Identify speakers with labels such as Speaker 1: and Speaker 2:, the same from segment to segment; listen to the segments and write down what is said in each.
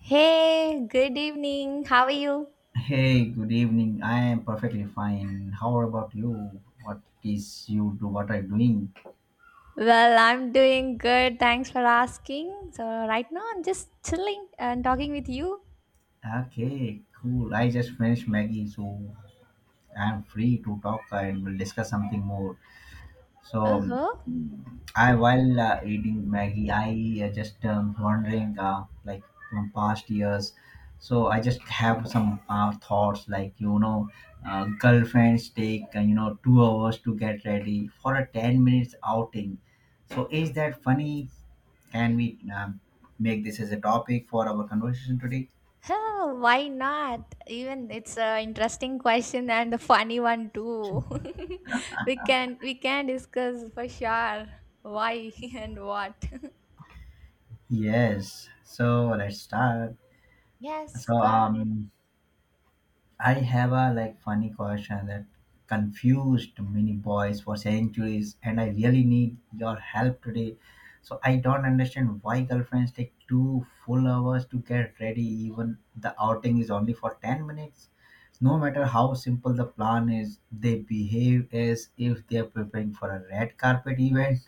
Speaker 1: Hey, good evening. How are you?
Speaker 2: Hey, good evening. I am perfectly fine. How about you? What is you do? What are you doing?
Speaker 1: Well, I'm doing good. Thanks for asking. So, right now I'm just chilling and talking with you.
Speaker 2: Okay, cool. I just finished Maggie, so I am free to talk and we'll discuss something more.
Speaker 1: Uh
Speaker 2: So,
Speaker 1: huh.
Speaker 2: I while eating Maggie, I just wondering like from past years. So I just have some thoughts girlfriends take 2 hours to get ready for a 10 minutes outing. So is that funny? Can we make this as a topic for our conversation today?
Speaker 1: Huh, why not? Even it's an interesting question and a funny one too. we can discuss for sure why and what.
Speaker 2: Yes. So let's start.
Speaker 1: Yes,
Speaker 2: So
Speaker 1: go
Speaker 2: um I have a like funny question that confused many boys for centuries, and I really need your help today. So I don't understand why girlfriends take 2 full hours to get ready, even the outing is only for 10 minutes. No matter how simple the plan is, they behave as if they are preparing for a red carpet event.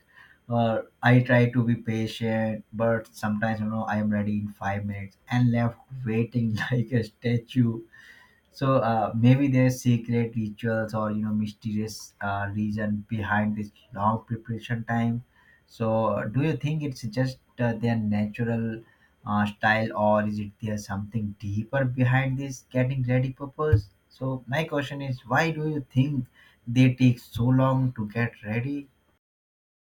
Speaker 2: Or I try to be patient, but sometimes I am ready in 5 minutes and left waiting like a statue. So maybe there's secret rituals or mysterious reason behind this long preparation time. So do you think it's just their natural style, or is it there's something deeper behind this getting ready purpose? So my question is, why do you think they take so long to get ready?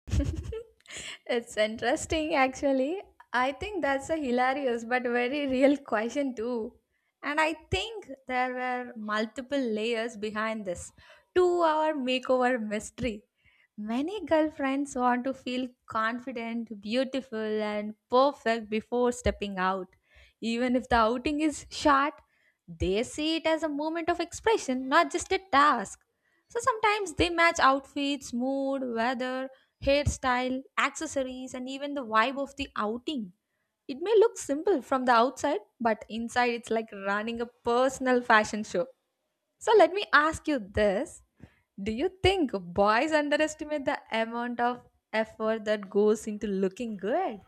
Speaker 1: It's interesting, actually. I think that's a hilarious but very real question, too. And I think there were multiple layers behind this 2 hour makeover mystery. Many girlfriends want to feel confident, beautiful, and perfect before stepping out. Even if the outing is short, they see it as a moment of expression, not just a task. So sometimes they match outfits, mood, weather, hairstyle, accessories, and even the vibe of the outing. It may look simple from the outside, but inside it's like running a personal fashion show. So let me ask you this. Do you think boys underestimate the amount of effort that goes into looking good?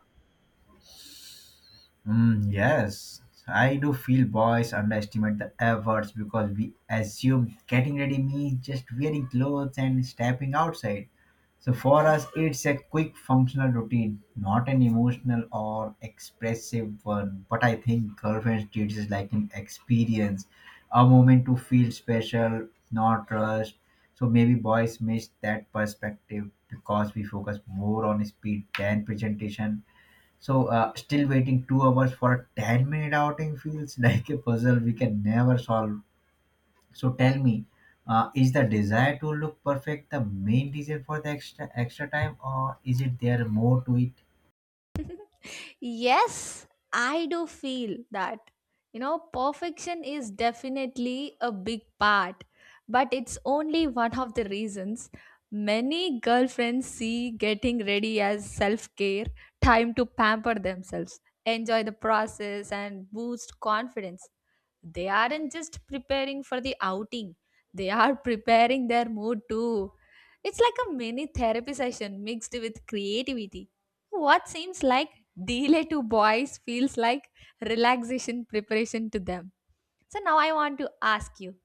Speaker 2: Mm, yes, I do feel boys underestimate the efforts because we assume getting ready means just wearing clothes and stepping outside. So for us, it's a quick functional routine, not an emotional or expressive one. But I think girlfriend treats it like an experience, a moment to feel special, not rushed. So maybe boys miss that perspective because we focus more on speed than presentation. So still waiting 2 hours for a 10 minute outing feels like a puzzle we can never solve. So tell me, is the desire to look perfect the main reason for the extra time, or is it there more to it?
Speaker 1: Yes, I do feel that. You know, perfection is definitely a big part, but it's only one of the reasons many girlfriends see getting ready as self care, time to pamper themselves, enjoy the process, and boost confidence. They aren't just preparing for the outing, they are preparing their mood too. It's like a mini therapy session mixed with creativity. What seems like delay to boys feels like relaxation preparation to them. So now I want to ask you.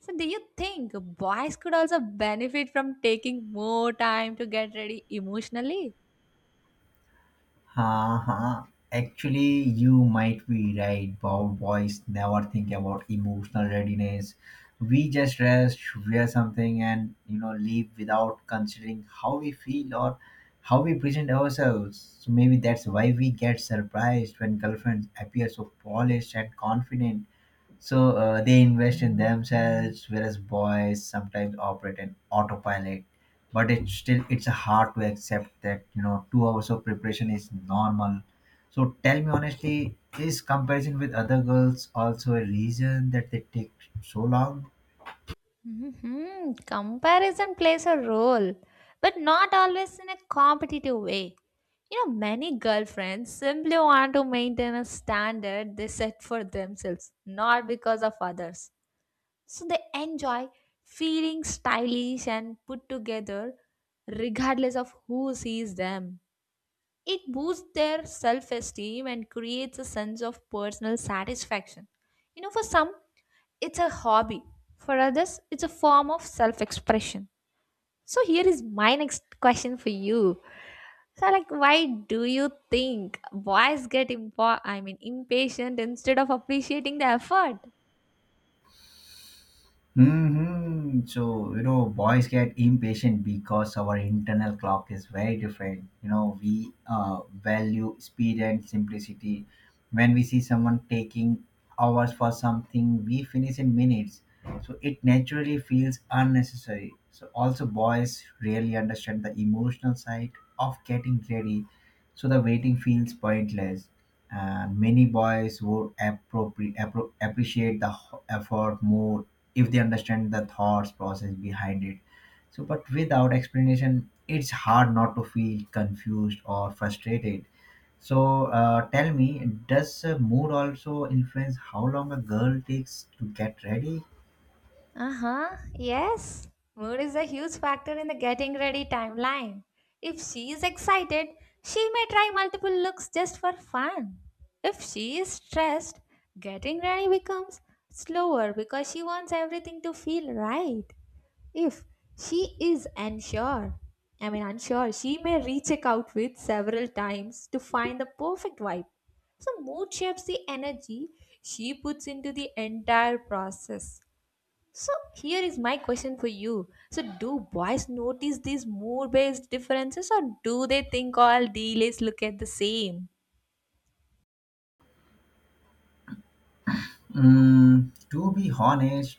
Speaker 1: So do you think boys could also benefit from taking more time to get ready emotionally?
Speaker 2: Ha ha. Actually, you might be right. Bow boys never think about emotional readiness. We just rest, wear something, and leave without considering how we feel or how we present ourselves. So maybe that's why we get surprised when girlfriends appear so polished and confident. So they invest in themselves, whereas boys sometimes operate in autopilot. But it's still it's hard to accept that 2 hours of preparation is normal. So tell me honestly, is comparison with other girls also a reason that they take so long?
Speaker 1: Hmm. Comparison plays a role, but not always in a competitive way. You know, many girlfriends simply want to maintain a standard they set for themselves, not because of others. So they enjoy feeling stylish and put together regardless of who sees them. It boosts their self esteem and creates a sense of personal satisfaction. You know, for some, it's a hobby, for others, it's a form of self expression. So, here is my next question for you. So, like, why do you think boys get I mean, impatient instead of appreciating the effort?
Speaker 2: hmm So, you know, boys get impatient because our internal clock is very different. You know, we value speed and simplicity. When we see someone taking hours for something, we finish in minutes. So it naturally feels unnecessary. So, also, boys really understand the emotional side of getting ready. So the waiting feels pointless, and many boys would appreciate the effort more if they understand the thoughts process behind it. So but without explanation, it's hard not to feel confused or frustrated. So tell me, does mood also influence how long a girl takes to get ready?
Speaker 1: Uh huh, yes. Mood is a huge factor in the getting ready timeline. If she is excited, she may try multiple looks just for fun. If she is stressed, getting ready becomes slower because she wants everything to feel right. If she is unsure, I mean unsure, she may recheck outfits several times to find the perfect vibe. So mood shapes the energy she puts into the entire process. So here is my question for you. So do boys notice these mood-based differences or do they think all dealers look at the same?
Speaker 2: Mm, to be honest,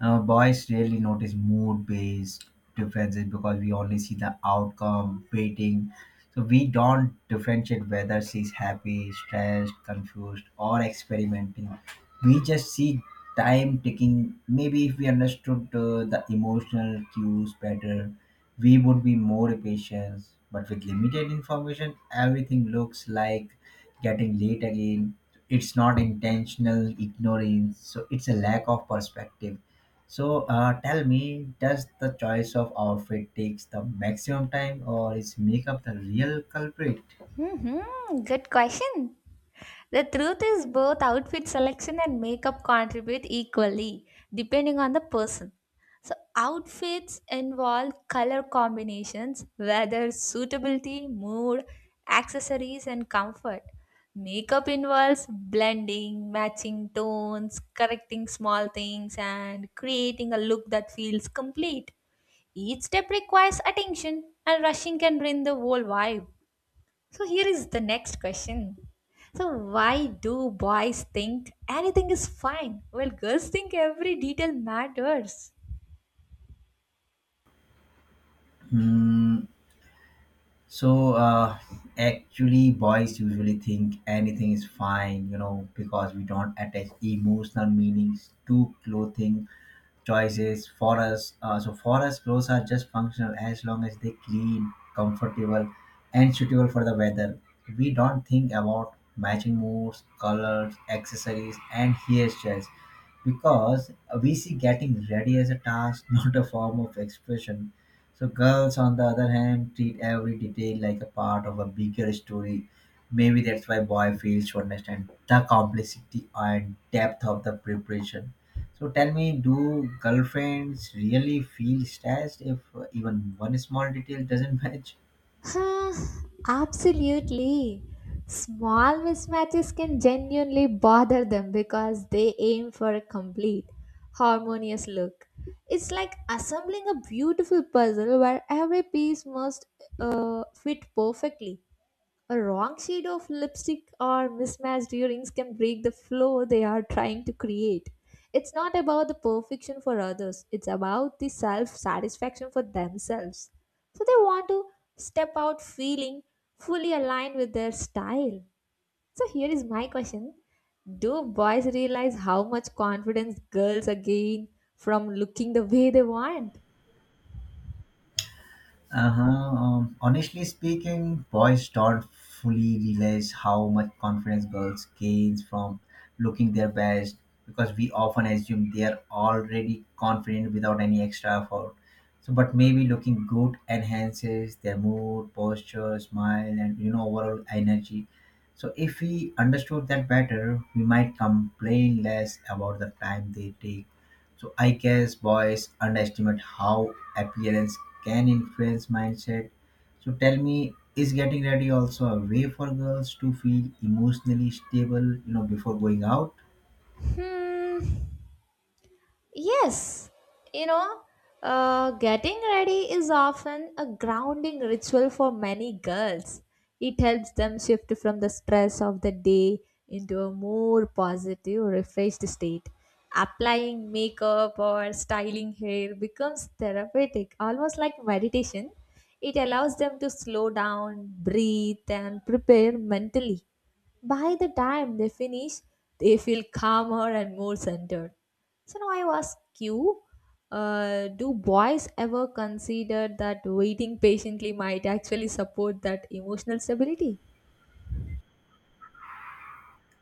Speaker 2: boys really notice mood based differences because we only see the outcome, waiting. So we don't differentiate whether she's happy, stressed, confused, or experimenting. We just see time ticking. Maybe if we understood the emotional cues better, we would be more patient. But with limited information, everything looks like getting late again. It's not intentional ignorance, so it's a lack of perspective. So tell me, does the choice of outfit takes the maximum time, or is makeup the real culprit?
Speaker 1: Hmm, good question. The truth is, both outfit selection and makeup contribute equally, depending on the person. So, outfits involve color combinations, weather suitability, mood, accessories, and comfort. Makeup involves blending, matching tones, correcting small things, and creating a look that feels complete. Each step requires attention, and rushing can ruin the whole vibe. So here is the next question. So why do boys think anything is fine while girls think every detail matters?
Speaker 2: Hmm, So uh, Actually, boys usually think anything is fine, you know, because we don't attach emotional meanings to clothing choices for us. So for us, clothes are just functional as long as they clean, comfortable, and suitable for the weather. We don't think about matching moods, colors, accessories, and hairstyles because we see getting ready as a task, not a form of expression. So girls, on the other hand, treat every detail like a part of a bigger story. Maybe that's why boy fails to understand the complexity and depth of the preparation. So tell me, do girlfriends really feel stressed if even one small detail doesn't match?
Speaker 1: Huh, absolutely. Small mismatches can genuinely bother them because they aim for a complete, harmonious look. It's like assembling a beautiful puzzle where every piece must fit perfectly. A wrong shade of lipstick or mismatched earrings can break the flow they are trying to create. It's not about the perfection for others, it's about the self satisfaction for themselves. So they want to step out feeling fully aligned with their style. So here is my question. Do boys realize how much confidence girls gain from looking the way they want?
Speaker 2: Uh-huh. Honestly speaking, boys don't fully realize how much confidence girls gains from looking their best because we often assume they are already confident without any extra effort. So, but maybe looking good enhances their mood, posture, smile, and overall energy. So if we understood that better, we might complain less about the time they take. So I guess boys underestimate how appearance can influence mindset. So tell me, is getting ready also a way for girls to feel emotionally stable, before going out?
Speaker 1: Hmm. Yes, you know, getting ready is often a grounding ritual for many girls. It helps them shift from the stress of the day into a more positive, refreshed state. Applying makeup or styling hair becomes therapeutic, almost like meditation. It allows them to slow down, breathe, and prepare mentally. By the time they finish, they feel calmer and more centered. So now I ask you, do boys ever consider that waiting patiently might actually support that emotional stability?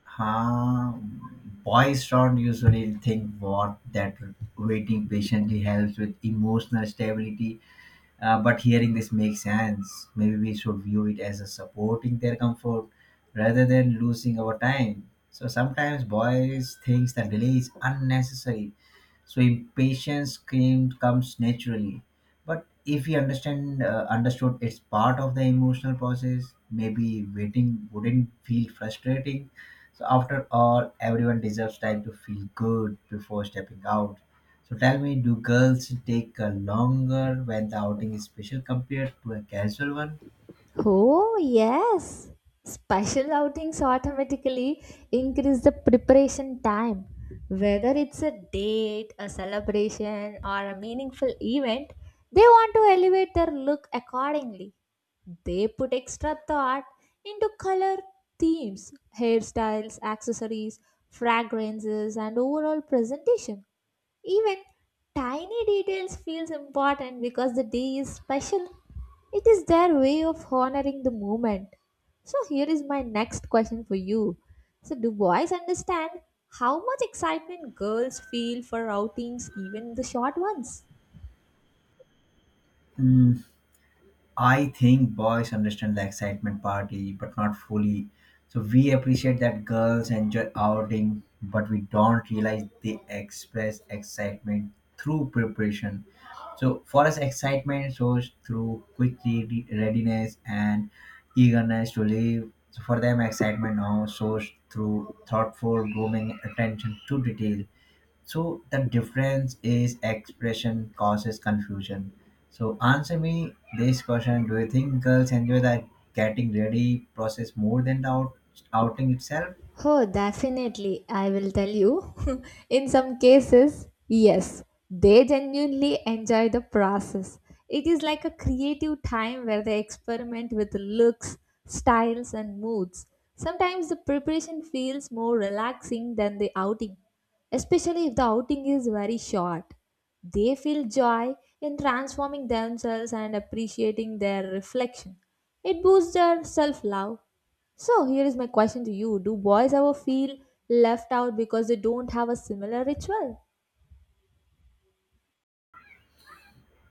Speaker 2: Huh? Boys don't usually think what that waiting patiently helps with emotional stability. But hearing this makes sense. Maybe we should view it as a supporting their comfort rather than losing our time. So sometimes boys thinks that delay is unnecessary, so comes naturally. But if we understand understood it's part of the emotional process, maybe waiting wouldn't feel frustrating. So after all, everyone deserves time to feel good before stepping out. So tell me, do girls take longer when the outing is special compared to a casual one?
Speaker 1: Oh, yes. Special outings automatically increase the preparation time. Whether it's a date, a celebration, or a meaningful event, they want to elevate their look accordingly. They put extra thought into color themes, hairstyles, accessories, fragrances, and overall presentation. Even tiny details feels important because the day is special. It is their way of honoring the moment. So here is my next question for you. So do boys understand how much excitement girls feel for outings, even the short ones?
Speaker 2: Hmm, I think boys understand the excitement party, but not fully. So we appreciate that girls enjoy outing, but we don't realize they express excitement through preparation. So for us, excitement shows through quick readiness and eagerness to leave. So for them, excitement now shows through thoughtful grooming, attention to detail. So the difference is expression causes confusion. So answer me this question: do you think girls enjoy the getting ready process more than the outing itself?
Speaker 1: Oh, definitely. I will tell you. In some cases, yes, they genuinely enjoy the process. It is like a creative time where they experiment with looks, styles, and moods. Sometimes the preparation feels more relaxing than the outing, especially if the outing is very short. They feel joy in transforming themselves and appreciating their reflection. It boosts their self love. So here is my question to you. Do boys ever feel left out because they don't have a similar ritual?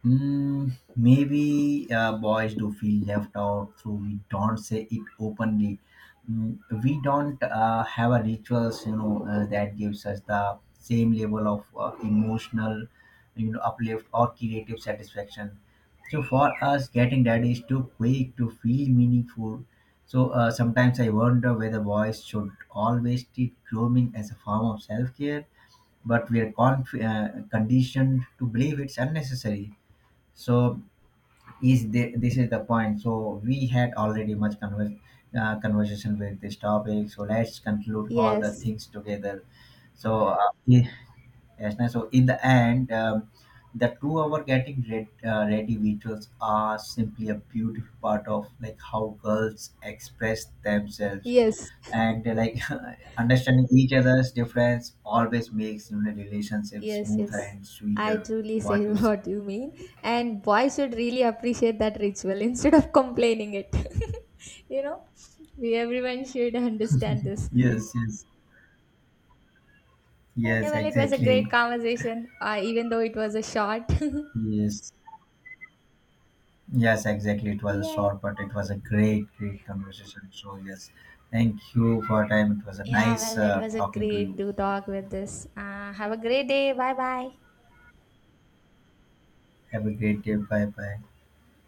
Speaker 2: Mm, maybe boys do feel left out, so we don't say it openly. Mm, we don't have a rituals, you know, that gives us the same level of emotional, uplift or creative satisfaction. So for us, getting that is too quick to feel meaningful. So sometimes I wonder whether boys should always treat grooming as a form of self-care, but we are conditioned to believe it's unnecessary. So is the, this is the point. So we had already much conversation with this topic. So let's conclude all the
Speaker 1: Yes.
Speaker 2: things together. So yeah. yes, ma'am. So in the end, the two-hour getting ready rituals are simply a beautiful part of like how girls express themselves,
Speaker 1: Yes.
Speaker 2: and like understanding each other's difference always makes, relationship
Speaker 1: Yes,
Speaker 2: smoother
Speaker 1: yes.
Speaker 2: and
Speaker 1: I
Speaker 2: sweeter.
Speaker 1: truly
Speaker 2: What
Speaker 1: say
Speaker 2: you say?
Speaker 1: what you mean. And boys should really appreciate that ritual instead of complaining it. You know? We everyone should understand this.
Speaker 2: Yes, yes,
Speaker 1: Okay,
Speaker 2: yes,
Speaker 1: well it was a
Speaker 2: exactly.
Speaker 1: great conversation, even though it was a short.
Speaker 2: Yes, yes, exactly. It was a
Speaker 1: Yeah.
Speaker 2: short, but it was a great, great conversation. So, yes, thank you for your time. It was a
Speaker 1: Yeah,
Speaker 2: nice
Speaker 1: well it was a
Speaker 2: talking to
Speaker 1: great
Speaker 2: you.
Speaker 1: to talk with this. Have a great day. Bye bye.
Speaker 2: Have a great day. Bye bye.